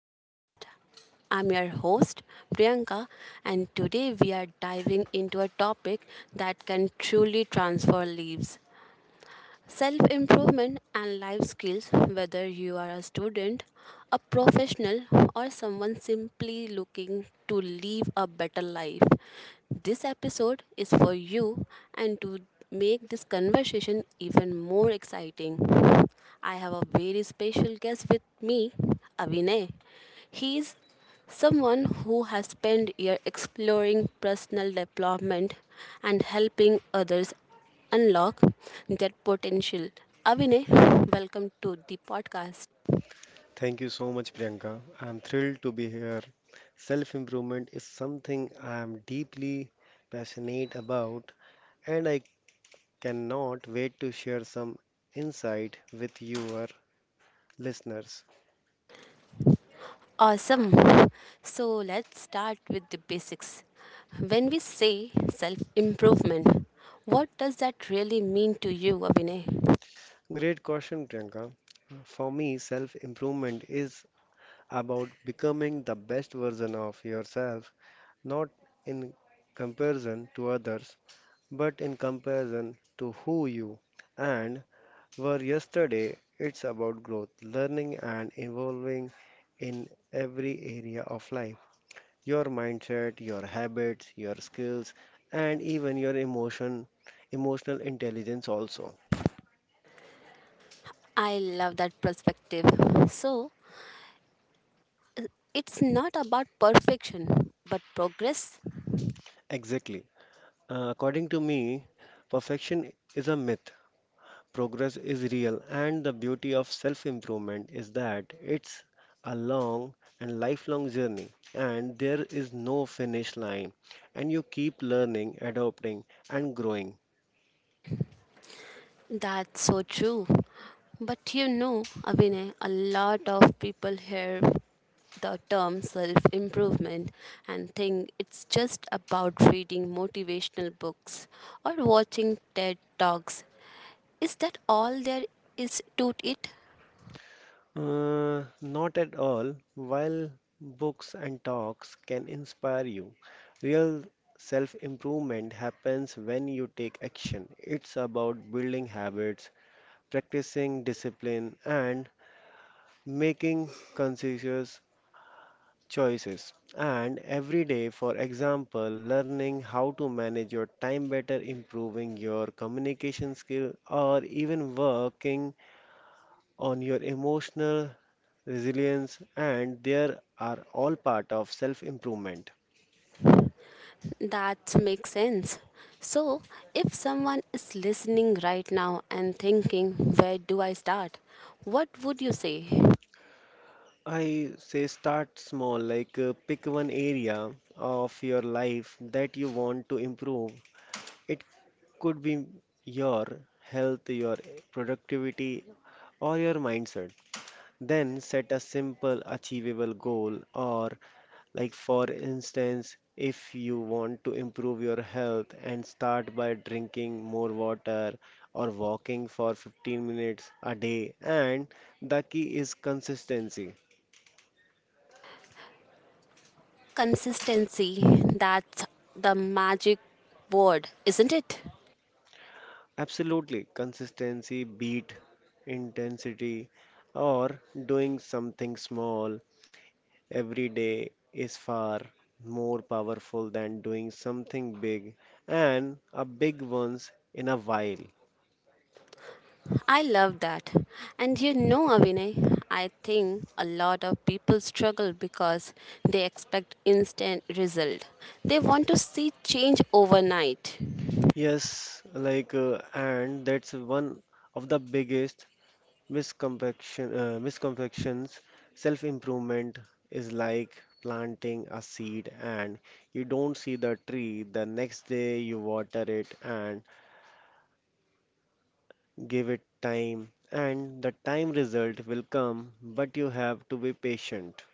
podcast. I'm your host Priyanka, and today we are diving into a topic that can truly transform lives. Self improvement and life skills, whether you are a student, a professional, or someone simply looking to live a better life. This episode is for you. And to make this conversation even more exciting, I have a very special guest with me, Avinay. He is someone who has spent years exploring personal development and helping others unlock that potential. Avinay, welcome to the podcast. Thank you so much, Priyanka. I'm thrilled to be here. Self improvement is something I am deeply passionate about, and I cannot wait to share some insight with your listeners. Awesome. So let's start with the basics. When we say self improvement, what does that really mean to you, Avinay? Great question, Priyanka. For me, self improvement is about becoming the best version of yourself, not in comparison to others, but in comparison to who you and were yesterday. It's about growth, learning, and evolving in every area of life, your mindset, your habits, your skills, and even your emotion, emotional intelligence, also. I love that perspective. So it's not about perfection, but progress. Exactly. According to me, perfection is a myth. Progress is real, and the beauty of self improvement is that it's a long and lifelong journey, and there is no finish line, and you keep learning, adopting, and growing. That's so true. But you know, Avinay, a lot of people here the term self improvement and think it's just about reading motivational books or watching TED Talks. Is that all there is to it? Not at all, while books and talks can inspire you, real self improvement happens when you take action. It's about building habits, practicing discipline, and making conscious choices. And every day, for example, learning how to manage your time better, improving your communication skill, or even working on your emotional resilience, and there are all part of self improvement. That makes sense. So, if someone is listening right now and thinking, where do I start? What would you say? I say start small, like pick one area of your life that you want to improve. It could be your health, your productivity, or your mindset. Then set a simple, achievable goal, or, like, for instance, if you want to improve your health and start by drinking more water or walking for 15 minutes a day. And the key is consistency. Consistency, that's the magic word, isn't it? Absolutely, consistency beat intensity or doing something small every day is far more powerful than doing something big and a big once in a while. I love that. And you know, Avinay, I think a lot of people struggle because they expect instant result. They want to see change overnight. Yes, like, and that's one of the biggest misconceptions. Self-improvement is like planting a seed, and you don't see the tree. The next day, you water it and give it time, and the time result will come, but you have to be patient.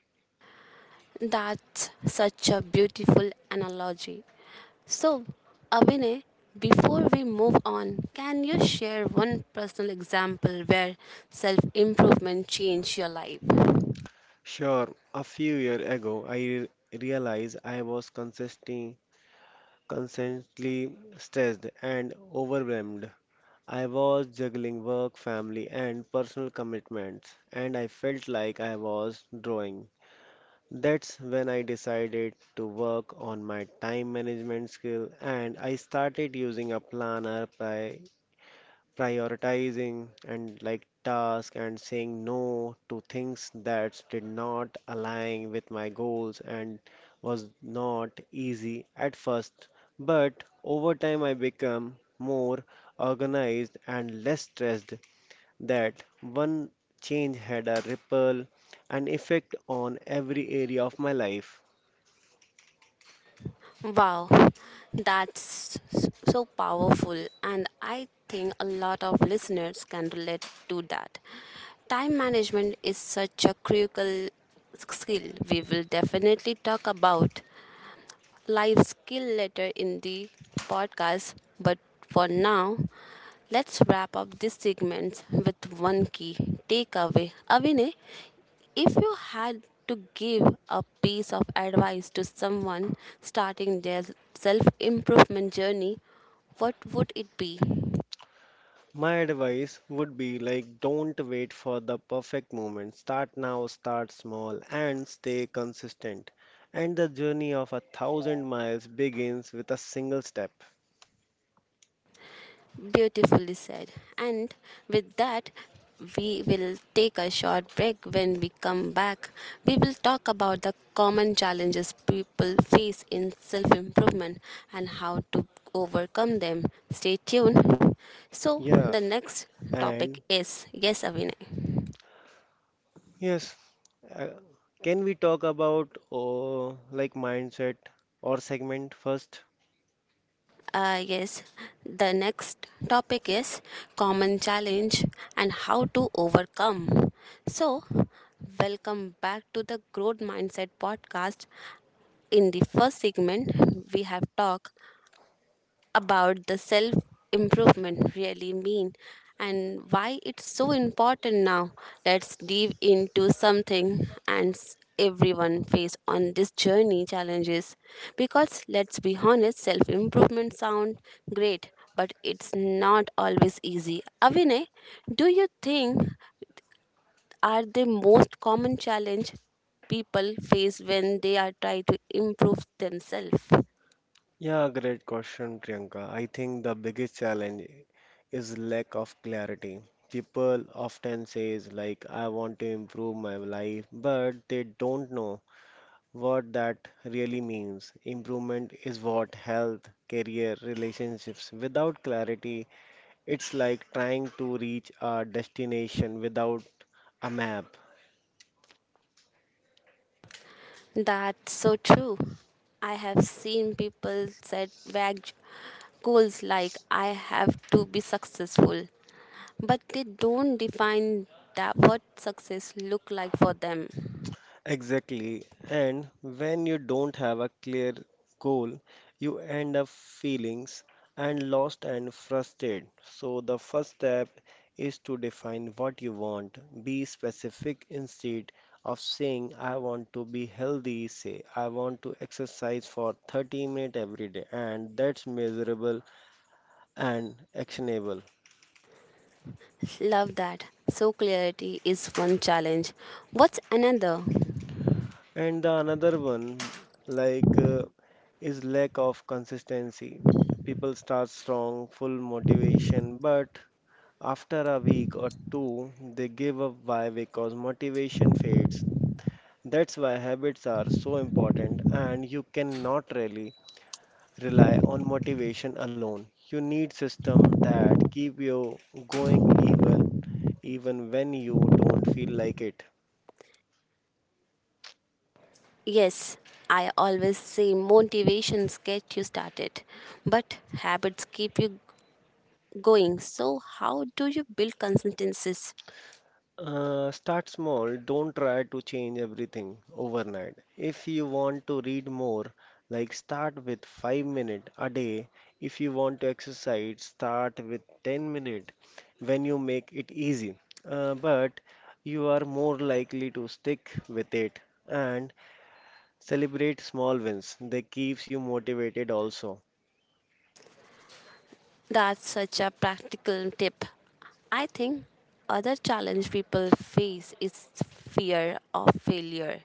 That's such a beautiful analogy. So, Avinay, before we move on, can you share one personal example where self improvement changed your life? Sure, a few years ago, realized I was constantly stressed and overwhelmed. I was juggling work, family, and personal commitments, and I felt like I was drawing. That's when I decided to work on my time management skill and I started using a planner, prioritizing and like tasks and saying no to things that did not align with my goals, and was not easy at first, but over time I become more organized and less stressed. That one change had a ripple and effect on every area of my life. Wow, that's so powerful, and I think a lot of listeners can relate to that. Time management is such a critical skill. We will definitely talk about life skill later in the podcast, but for now, let's wrap up this segment with one key takeaway. Avine, if you had to give a piece of advice to someone starting their self improvement journey, what would it be? My advice would be like don't wait for the perfect moment. Start now, start small, and stay consistent. And the journey of a thousand miles begins with a single step. Beautifully said. And with that, we will take a short break. When we come back, we will talk about the common challenges people face in self improvement and how to overcome them. Stay tuned. So, Yeah, the next topic and is, yes, Avinay. yes, uh, can we talk about like mindset or segment first? Yes, the next topic is common challenge and how to overcome. So, welcome back to the Growth Mindset podcast. In the first segment, we have talked about the self improvement really mean and why it's so important. Now let's dive into something, and everyone face on this journey challenges. Because let's be honest, self improvement sound great, but it's not always easy. Avinay, do you think are the most common challenge people face when they are trying to improve themselves? Yeah, great question, Priyanka. I think the biggest challenge is lack of clarity. People often says like I want to improve my life, but they don't know what that really means. Improvement is what, health, career, relationships. Without clarity, it's like trying to reach a destination without a map. That's so true. I have seen people set vague goals like I have to be successful, but they don't define that what success look like for them. Exactly. And when you don't have a clear goal, you end up feelings and lost and frustrated. So the first step is to define what you want. Be specific instead of saying I want to be healthy, say I want to exercise for 30 minutes every day and that's measurable and actionable. Love that. So clarity is one challenge. What's another? And the another one, like, is lack of consistency. People start strong, full motivation, but after a week or two, they give up. Why? Because motivation fades. That's why habits are so important, and you cannot really rely on motivation alone. You need system that keep you going even when you don't feel like it. Yes, I always say motivations get you started, but habits keep you going. So how do you build consistency? Start small. Don't try to change everything overnight. If you want to read more, like start with 5 minutes a day. If you want to exercise, start with 10 minutes when you make it easy. But you are more likely to stick with it and celebrate small wins. They keeps you motivated also. That's such a practical tip. I think other challenge people face is fear of failure.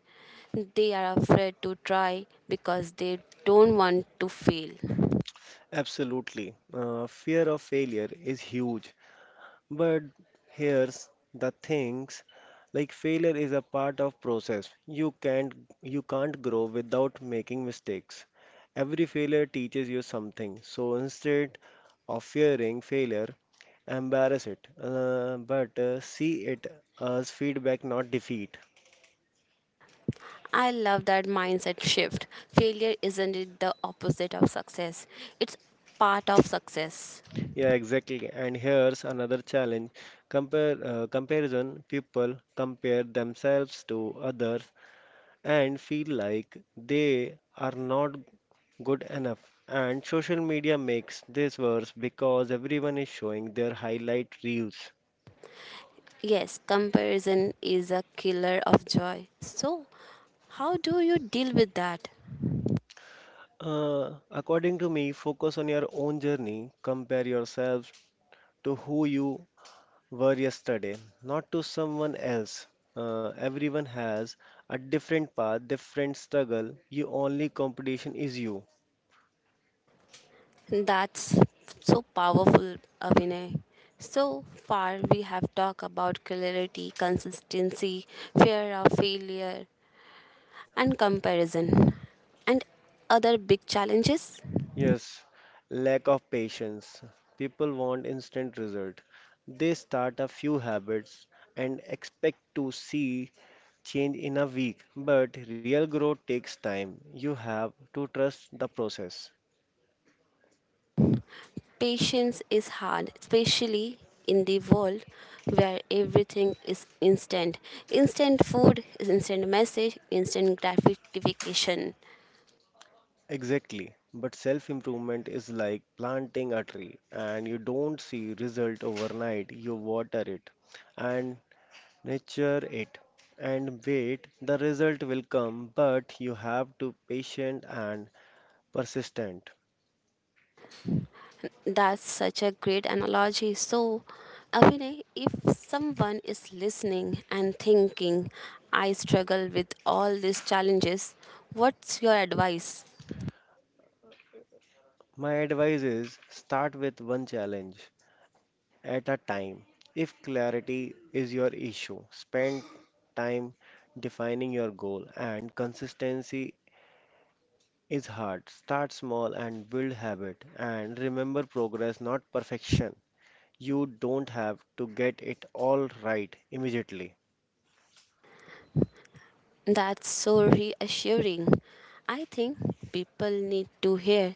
They are afraid to try because they don't want to fail. Absolutely. Fear of failure is huge. But here's the things, like failure is a part of process. You can't grow without making mistakes. Every failure teaches you something. So instead of fearing failure, embrace it. But see it as feedback, not defeat. I love that mindset shift. Failure isn't it the opposite of success. It's part of success. Yeah, exactly. And here's another challenge. Compare comparison. People compare themselves to others and feel like they are not good enough. And social media makes this worse because everyone is showing their highlight reels. Yes, comparison is a killer of joy. So, how do you deal with that? According to me, focus on your own journey. Compare yourselves to who you were yesterday, not to someone else. Everyone has a different path, different struggle. Your only competition is you. That's so powerful, Abhinay. So far, we have talked about clarity, consistency, fear of failure, and comparison. And other big challenges? Yes, lack of patience. People want instant result. They start a few habits and expect to see change in a week, but real growth takes time. You have to trust the process. Patience is hard, especially in the world where everything is instant. Instant food, instant message, instant gratification. Exactly. But self improvement is like planting a tree and you don't see result overnight. You water it and nurture it and wait, the result will come but you have to patient and persistent. That's such a great analogy. So, Abhinay, if someone is listening and thinking, I struggle with all these challenges, what's your advice? My advice is start with one challenge at a time. If clarity is your issue, spend time defining your goal and consistency is hard. Start small and build habit and remember progress not perfection. You don't have to get it all right immediately. That's so reassuring. I think people need to hear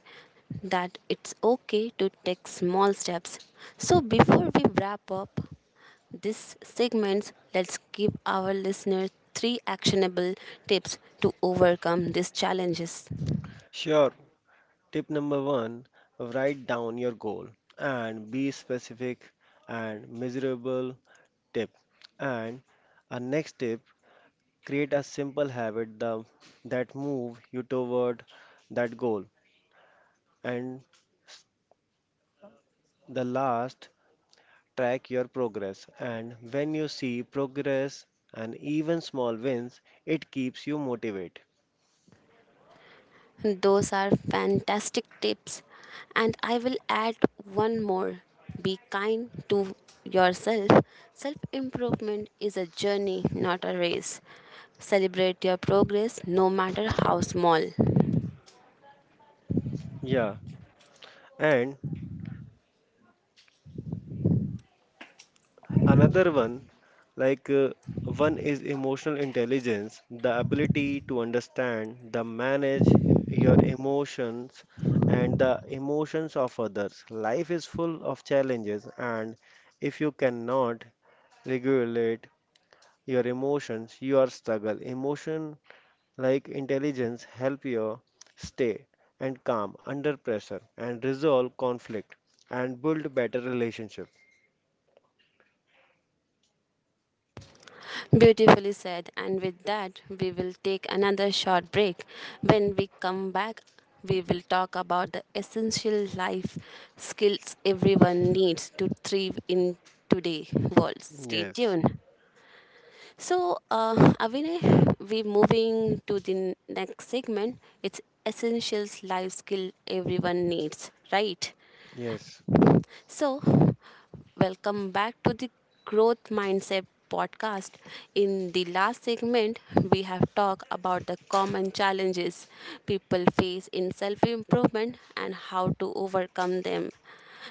that it's okay to take small steps. So, before we wrap up this segment, let's give our listeners three actionable tips to overcome these challenges. Sure, tip number 1, write down your goal and be specific and measurable. Tip, and our next tip, create a simple habit, the, that move you toward that goal. And s- the last, track your progress. And when you see progress and even small wins, it keeps you motivated. Those are fantastic tips. And I will add one more: be kind to yourself. Self improvement is a journey, not a race. Celebrate your progress, no matter how small. Yeah, and another one, like, one is emotional intelligence, the ability to understand, the manage your emotions and the emotions of others. Life is full of challenges, and if you cannot regulate your emotions, your struggle. Emotion like intelligence help you stay and calm under pressure and resolve conflict and build better relationship. Beautifully said. And with that, we will take another short break. When we come back, we will talk about the essential life skills everyone needs to thrive in today's world. Stay Yes. tuned. So, Avinay, we moving to the next segment. It's essentials life skill everyone needs, right? Yes. So, welcome back to the Growth Mindset podcast. In the last segment, we have talked about the common challenges people face in self-improvement and how to overcome them.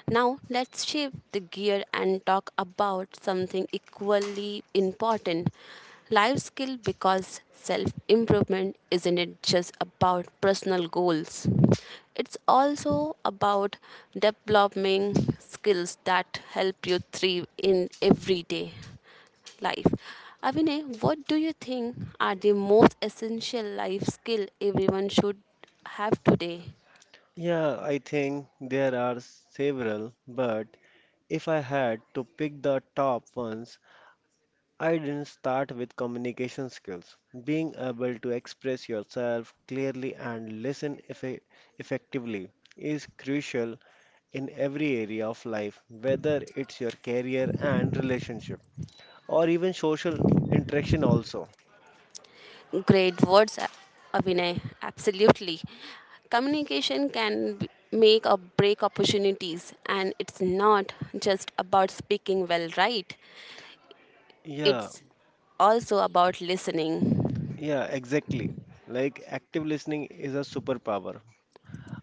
Now, let's shift the gear and talk about something equally important. Life skill, because self improvement isn't it just about personal goals. It's also about developing skills that help you thrive in everyday life. Abhinay, what do you think are the most essential life skill everyone should have today? Yeah, I think there are several, but if I had to pick the top ones, I didn't start with communication skills. Being able to express yourself clearly and listen effectively is crucial in every area of life, whether it's your career and relationship or even social interaction also. Great words, Abhinay. Absolutely. Communication can make or break opportunities, and it's not just about speaking well, right? Yeah, It's also about listening. yeah, exactly. Like active listening is a superpower.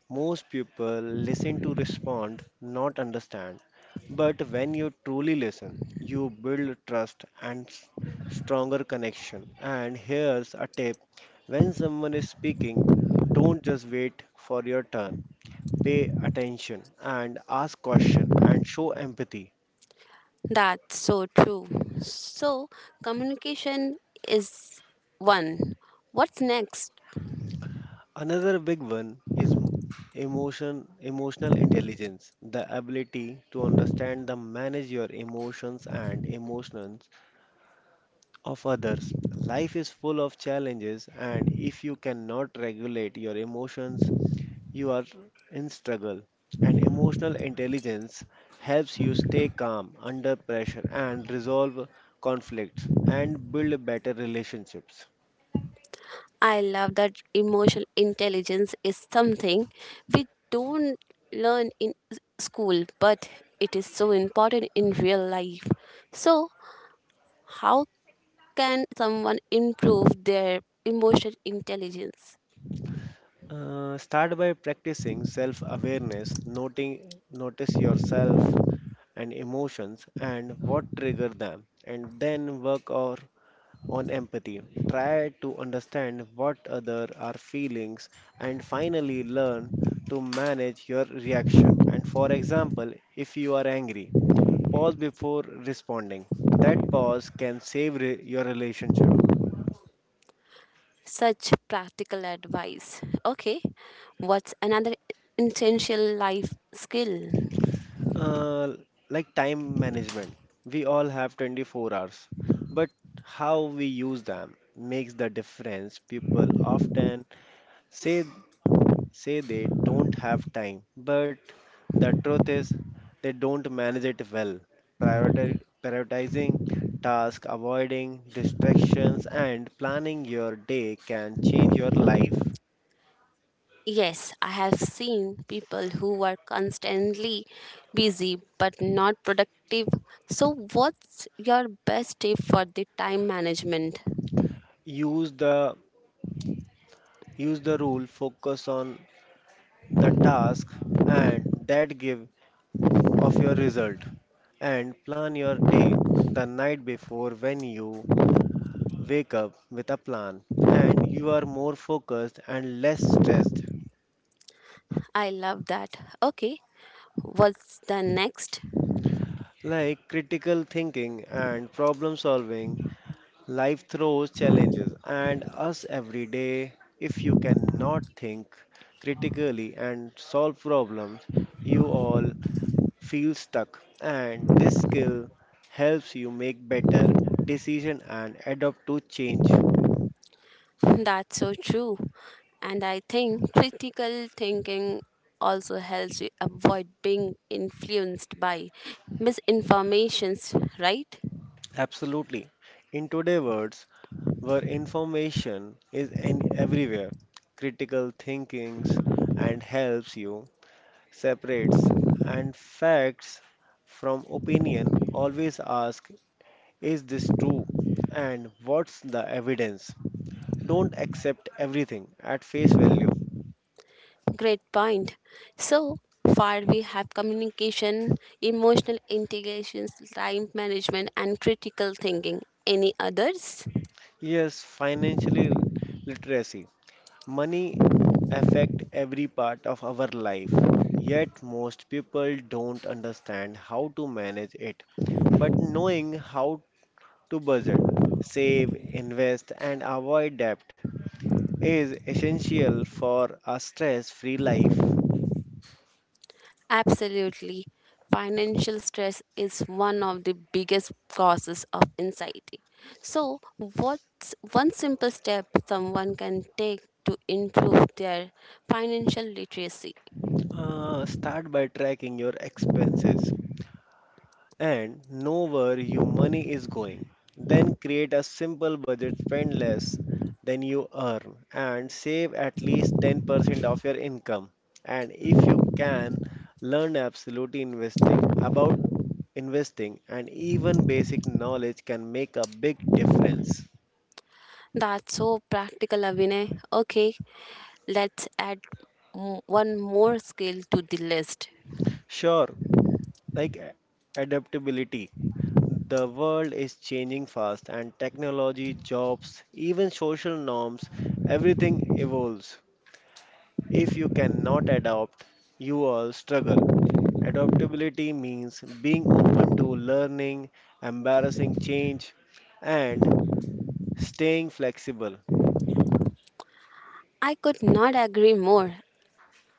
Most people listen to respond, not understand. But when you truly listen, you build trust and stronger connection. And here's a tip, when someone is speaking, don't just wait for your turn. Pay attention and ask question and show empathy. That's so true. So, communication is one. What's next? Another big one is emotional intelligence, the ability to understand the manage your emotions and emotions of others. Life is full of challenges, and if you cannot regulate your emotions, you are in struggle. And emotional intelligence helps you stay calm under pressure and resolve conflicts and build better relationships. I love that emotional intelligence is something we don't learn in school, but it is so important in real life. So, how can someone improve their emotional intelligence? Start by practicing self awareness, noting notice yourself and emotions and what trigger them, and then work or on empathy. Try to understand what other are feelings, and finally learn to manage your reaction. And for example, if you are angry, pause before responding. That pause can your relationship. Such practical advice. Okay, what's another essential life skill? Uh, like time management. We all have 24 hours, but how we use them makes the difference. People often say say they don't have time, but the truth is they don't manage it well. Prioritizing tasks, avoiding distractions, and planning your day can change your life. Yes, I have seen people who are constantly busy but not productive. So, what's your best tip for the time management? Use the Use the rule, focus on the task, and that give of your result. And plan your day the night before, when you wake up with a plan, and you are more focused and less stressed. I love that. Okay, what's the next? Like critical thinking and problem solving, life throws challenges and us every day. If you cannot think critically and solve problems, you all feel stuck. And this skill helps you make better decision and adapt to change. That's so true. And I think critical thinking also helps you avoid being influenced by misinformations, right? Absolutely. In today's words, where information is in everywhere, critical thinkings and helps you separates and facts from opinion. Always ask, is this true and what's the evidence? Don't accept everything at face value. Great point. So far, we have communication, emotional integrations, time management, and critical thinking. Any others? Yes, financially literacy. Money affect every part of our life, yet most people don't understand how to manage it. But knowing how to budget, save, invest, and avoid debt is essential for a stress-free life. Absolutely. Financial stress is one of the biggest causes of anxiety. So, what's one simple step someone can take to improve their financial literacy? Start by tracking your expenses and know where your money is going. Then create a simple budget, spend less than you earn, and save at least 10% of your income. And if you can, learn absolute investing about investing and even basic knowledge can make a big difference. That's so practical, Avinay. Okay, let's add one more skill to the list. Sure, like adaptability. The world is changing fast, and technology, jobs, even social norms, everything evolves. If you cannot adapt, you will struggle. Adaptability means being open to learning, embarrassing change, and staying flexible. I could not agree more.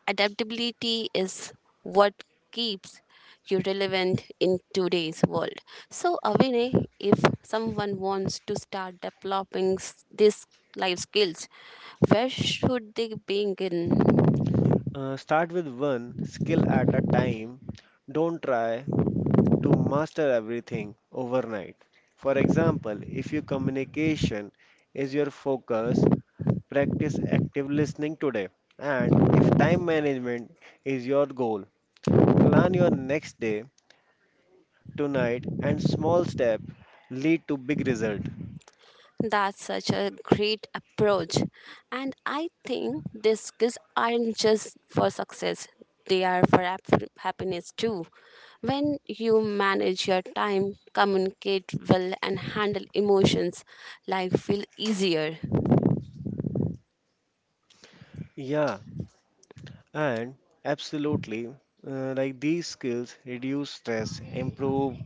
Adaptability is what keeps you relevant in today's world. So, Avine, if someone wants to start developing these life skills, where should they begin? Start with one skill at a time. Don't try to master everything overnight. For example, if your communication is your focus, practice active listening today. And if time management is your goal, plan your next day, tonight, and small step lead to big result. That's such a great approach. And I think these skills aren't just for success, they are for happiness too. When you manage your time, communicate well, and handle emotions, life will easier. Yeah, and absolutely, like these skills reduce stress, improve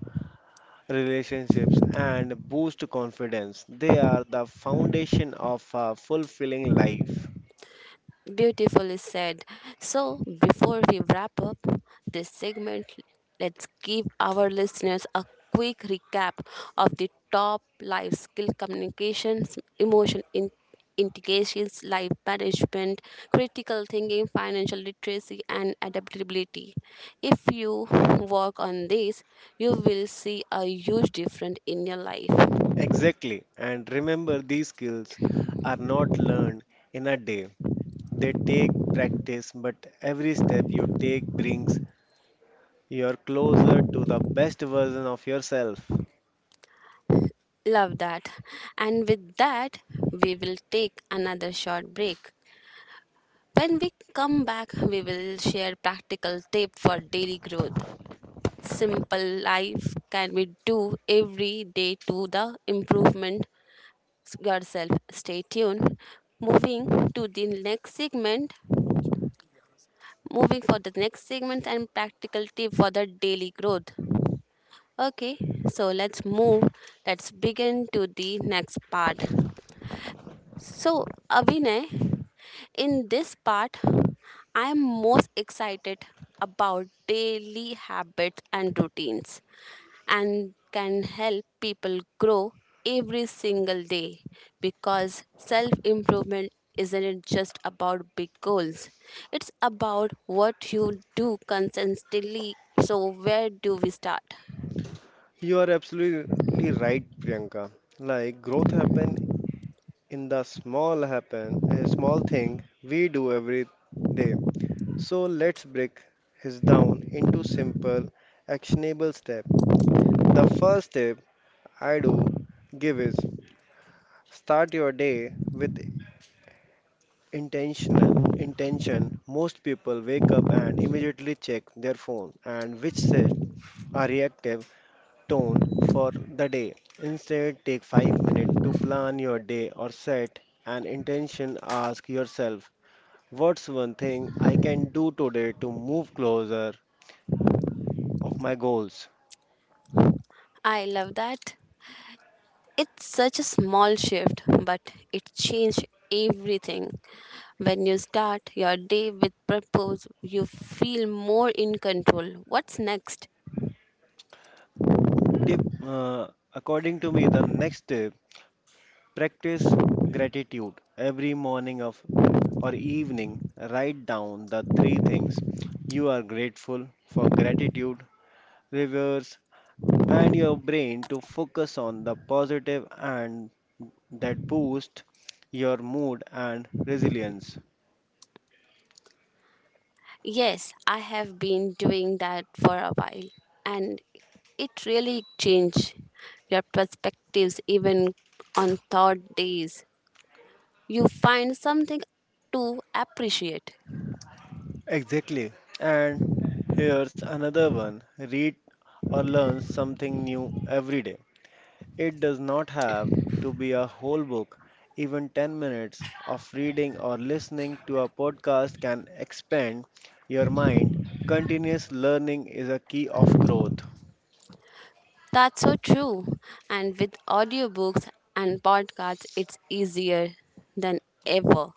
relationships, and boost confidence. They are the foundation of a fulfilling life. Beautifully said. So, before we wrap up this segment, let's give our listeners a quick recap of the top life skill: communications, emotion integrations, life management, critical thinking, financial literacy, and adaptability. If you work on this, you will see a huge difference in your life. Exactly. And remember, these skills are not learned in a day. They take practice, but every step you take brings you closer to the best version of yourself. Love that. And with that, we will take another short break. When we come back, we will share practical tip for daily growth. Simple life can we do every day to the improvement yourself. Stay tuned. Moving to the next segment. Moving for the next segment and practical tip for the daily growth. Okay, so let's move. Let's begin to the next part. So, Avinay, in this part, I am most excited about daily habits and routines and can help people grow every single day. Because self improvement isn't it just about big goals, it's about what you do consistently. So where do we start? You are absolutely right, Priyanka. Like growth happen in the small happen, a small thing we do every day. So let's break his down into simple, actionable step. The first step I do give is start your day with intentional intention. Most people wake up and immediately check their phone and which set a reactive tone for the day. Instead, take 5 minutes to plan your day or set an intention. Ask yourself, what's one thing I can do today to move closer of my goals? I love that. It's such a small shift, but it changed everything. When you start your day with purpose, you feel more in control. What's next? Tip, according to me the next tip, practice gratitude every morning of or evening, write down the three things you are grateful for. Gratitude reverse and your brain to focus on the positive and that boost your mood and resilience. Yes, I have been doing that for a while, and it really changed your perspectives even on third days. You find something to appreciate. Exactly. And here's another one, read or learn something new every day. It does not have to be a whole book. Even 10 minutes of reading or listening to a podcast can expand your mind. Continuous learning is a key of growth. That's so true. And with audiobooks and podcasts, it's easier than ever.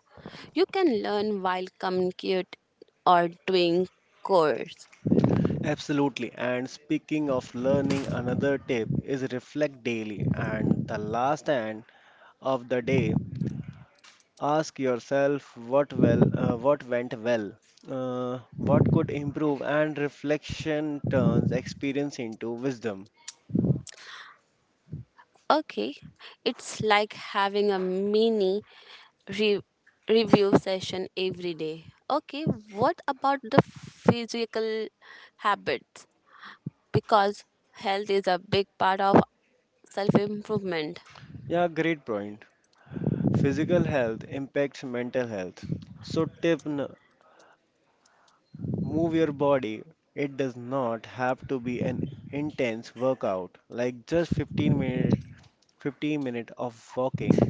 You can learn while communicate or doing chores. Absolutely. And speaking of learning, another tip is reflect daily. And the last end of the day, ask yourself what well, what went well, what could improve, and reflection turns experience into wisdom. Okay, it's like having a mini re- review session every day. Okay, what about the physical habits? Because health is a big part of self improvement. Yeah, great point. Physical health impacts mental health. So, move your body. It does not have to be an intense workout. Like just 15 minutes of walking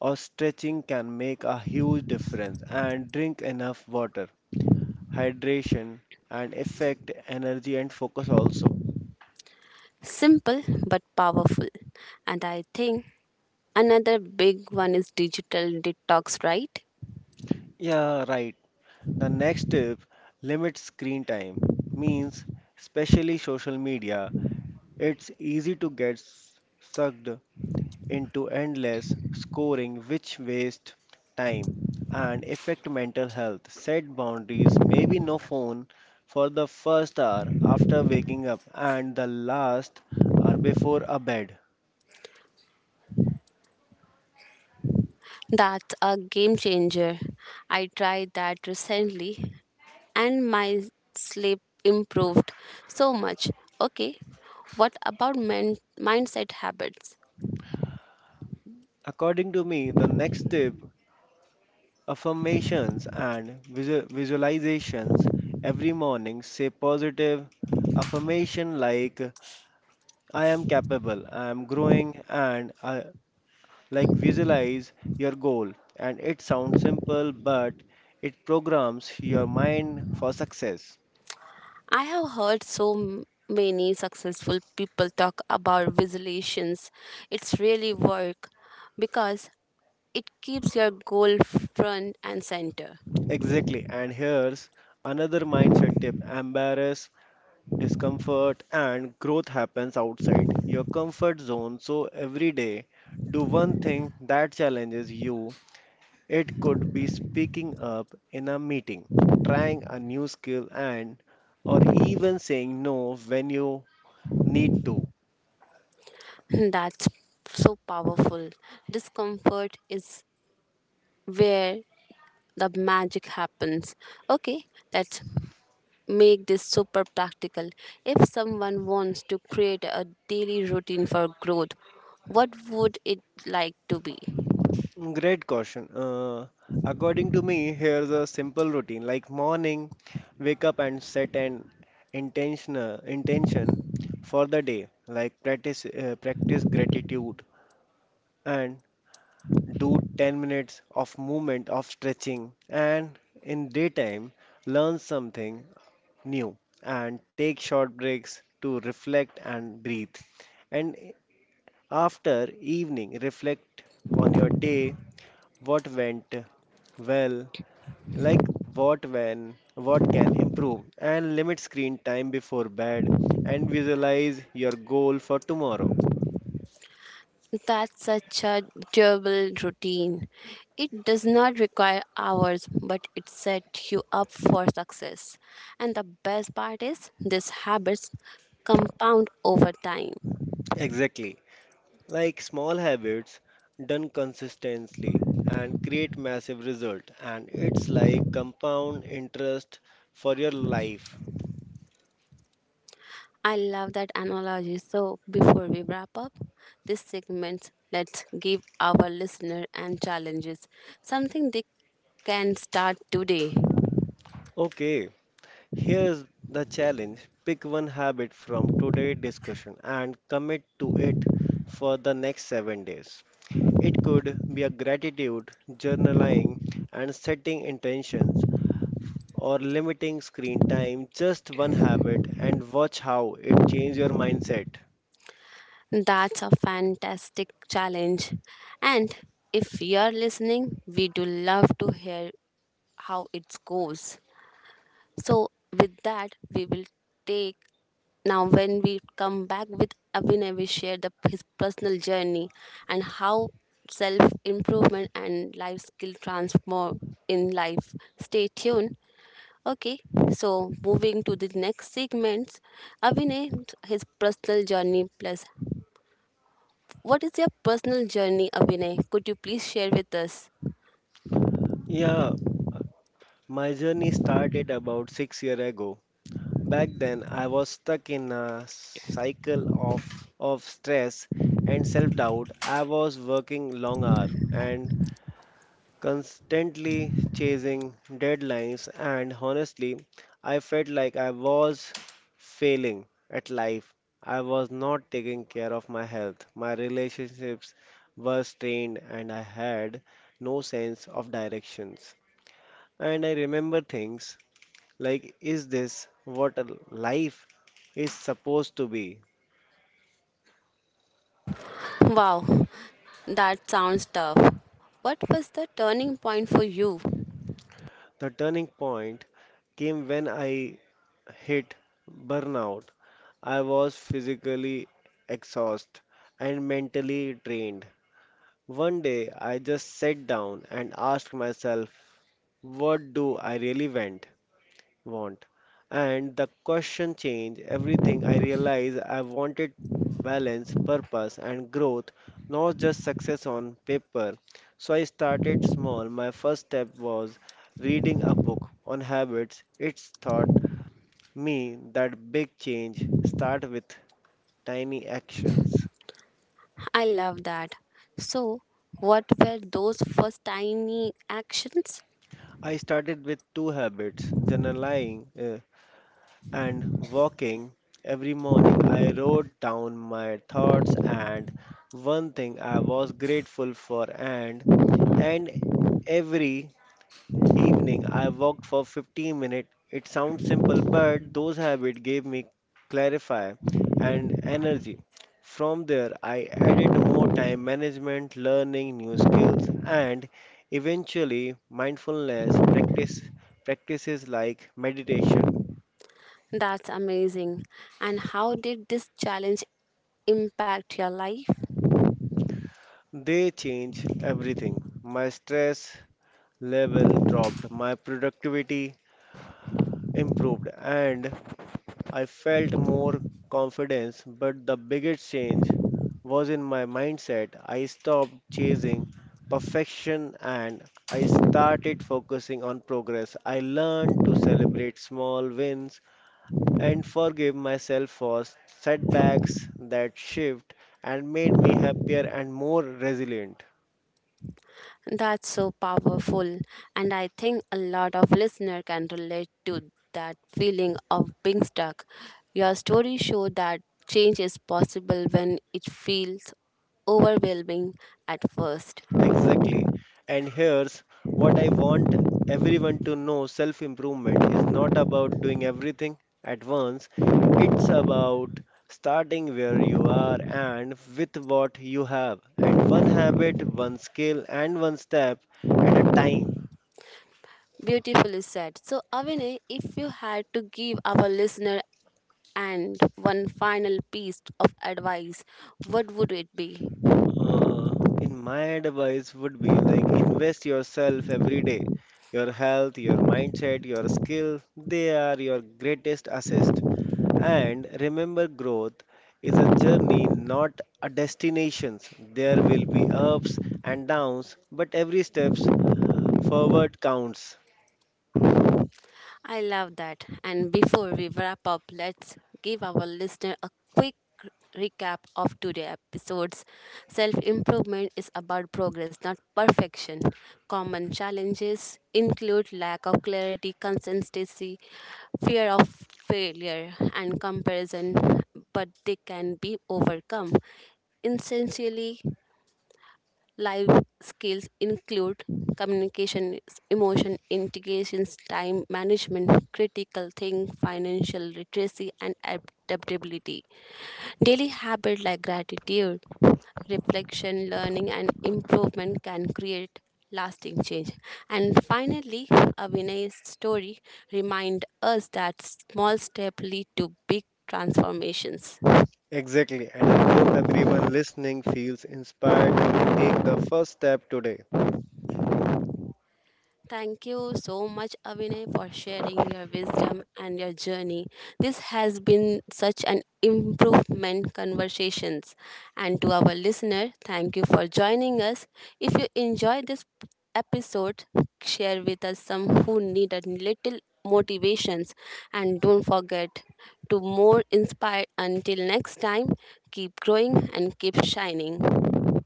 or stretching can make a huge difference and drink enough water. Hydration and affect energy and focus also. Simple but powerful. And I think another big one is digital detox, right? Yeah, right. The next tip, limit screen time, means especially social media it's easy to get sucked into endless scoring which wastes time and affect mental health. Set boundaries, maybe no phone for the first hour after waking up and the last hour before a bed. That's a game changer. I tried that recently and my sleep improved so much. Okay, what about mindset habits? According to me, the next tip, affirmations and visualizations. Every morning say positive affirmation like I am capable, I am growing, and I, like visualize your goal. And it sounds simple, but it programs your mind for success. I have heard so many successful people talk about visualizations. It's really work because it keeps your goal front and center. Exactly. And here's another mindset tip, embarrass discomfort and growth happens outside your comfort zone, so every day do one thing that challenges you. It could be speaking up in a meeting, trying a new skill, and or even saying no when you need to. That's so powerful. Discomfort is where the magic happens. Okay, let's make this super practical. If someone wants to create a daily routine for growth, what would it like to be? Great question. According to me, here's a simple routine, like morning, wake up and set an intentional intention for the day, like practice gratitude and do 10 minutes of movement of stretching, and in daytime learn something new and take short breaks to reflect and breathe. And after evening, reflect on your day, what went well, like what can improve, and limit screen time before bed and visualize your goal for tomorrow. That's such a durable routine. It does not require hours, but it sets you up for success. And the best part is, these habits compound over time. Exactly. Like small habits done consistently and create massive result, and it's like compound interest for your life. I love that analogy. So, before we wrap up this segment, let's give our listener and challenges something they can start today. Okay, here's the challenge. Pick one habit from today's discussion and commit to it for the next 7 days. It could be a gratitude, journaling, and setting intentions, or limiting screen time, just one habit, and watch how it changes your mindset. That's a fantastic challenge. And if you're listening, we do love to hear how it goes. So, with that, we will take. Now, when we come back with Abhinay, we share his personal journey and how self improvement and life skill transform in life. Stay tuned. Okay, so moving to the next segment, Abhinay, his personal journey plus. What is your personal journey, Abhinay? Could you please share with us? Yeah, my journey started about 6 years ago. Back then, I was stuck in a of stress and self doubt. I was working long hours and constantly chasing deadlines, and honestly, I felt like I was failing at life. I was not taking care of my health, my relationships were strained, and I had no sense of directions. And I remember things like, is this what a life is supposed to be? Wow, that sounds tough. What was the turning point for you? The turning point came when I hit burnout. I was physically exhausted and mentally drained. One day I just sat down and asked myself, what do I really want? And the question changed everything. I realized I wanted balance, purpose, and growth, not just success on paper. So I started small. My first step was reading a book on habits. It's taught me that big change start with tiny actions. I love that. So, what were those first tiny actions? I started with two habits, journaling, uh, and walking. Every morning, I wrote down my thoughts and one thing I was grateful for, and every evening, I walked for 15 minutes. It sounds simple, but those habits gave me clarify and energy. From there, I added more time management, learning new skills, and eventually mindfulness practice practices like meditation. That's amazing. And how did this challenge impact your life? They change everything. My stress level dropped, my productivity improved, and I felt more confidence. But the biggest change was in my mindset. I stopped chasing perfection and I started focusing on progress. I learned to celebrate small wins and forgive myself for setbacks, that shift and made me happier and more resilient. That's so powerful. And I think a lot of listener can relate to that feeling of being stuck. Your story showed that change is possible when it feels overwhelming at first. Exactly. And here's what I want everyone to know, self improvement is not about doing everything at once, it's about starting where you are and with what you have, and one habit, one skill, and one step at a time. Beautifully said. So, Avine, if you had to give our listener and one final piece of advice, what would it be? In my advice would be like invest yourself every day. Your health, your mindset, your skill, they are your greatest assets. And remember, growth is a journey, not a destination. There will be ups and downs, but every steps forward counts. I love that. And before we wrap up, let's give our listener a quick recap of today's episodes. Self improvement is about progress, not perfection. Common challenges include lack of clarity, consistency, fear of failure, and comparison, but they can be overcome. Essentially, life skills include communication, emotion integrations, time management, critical thinking, financial literacy, and adaptability. Daily habits like gratitude, reflection, learning, and improvement can create lasting change. And finally, Avinay's story reminds us that small steps lead to big transformations. Exactly, and I hope everyone listening feels inspired to take the first step today. Thank you so much, Abhinay, for sharing your wisdom and your journey. This has been such an improvement conversations. And to our listener, thank you for joining us. If you enjoyed this episode, share with us some who need a little motivations. And don't forget to more inspire. Until next time, keep growing and keep shining.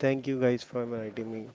Thank you guys for inviting me.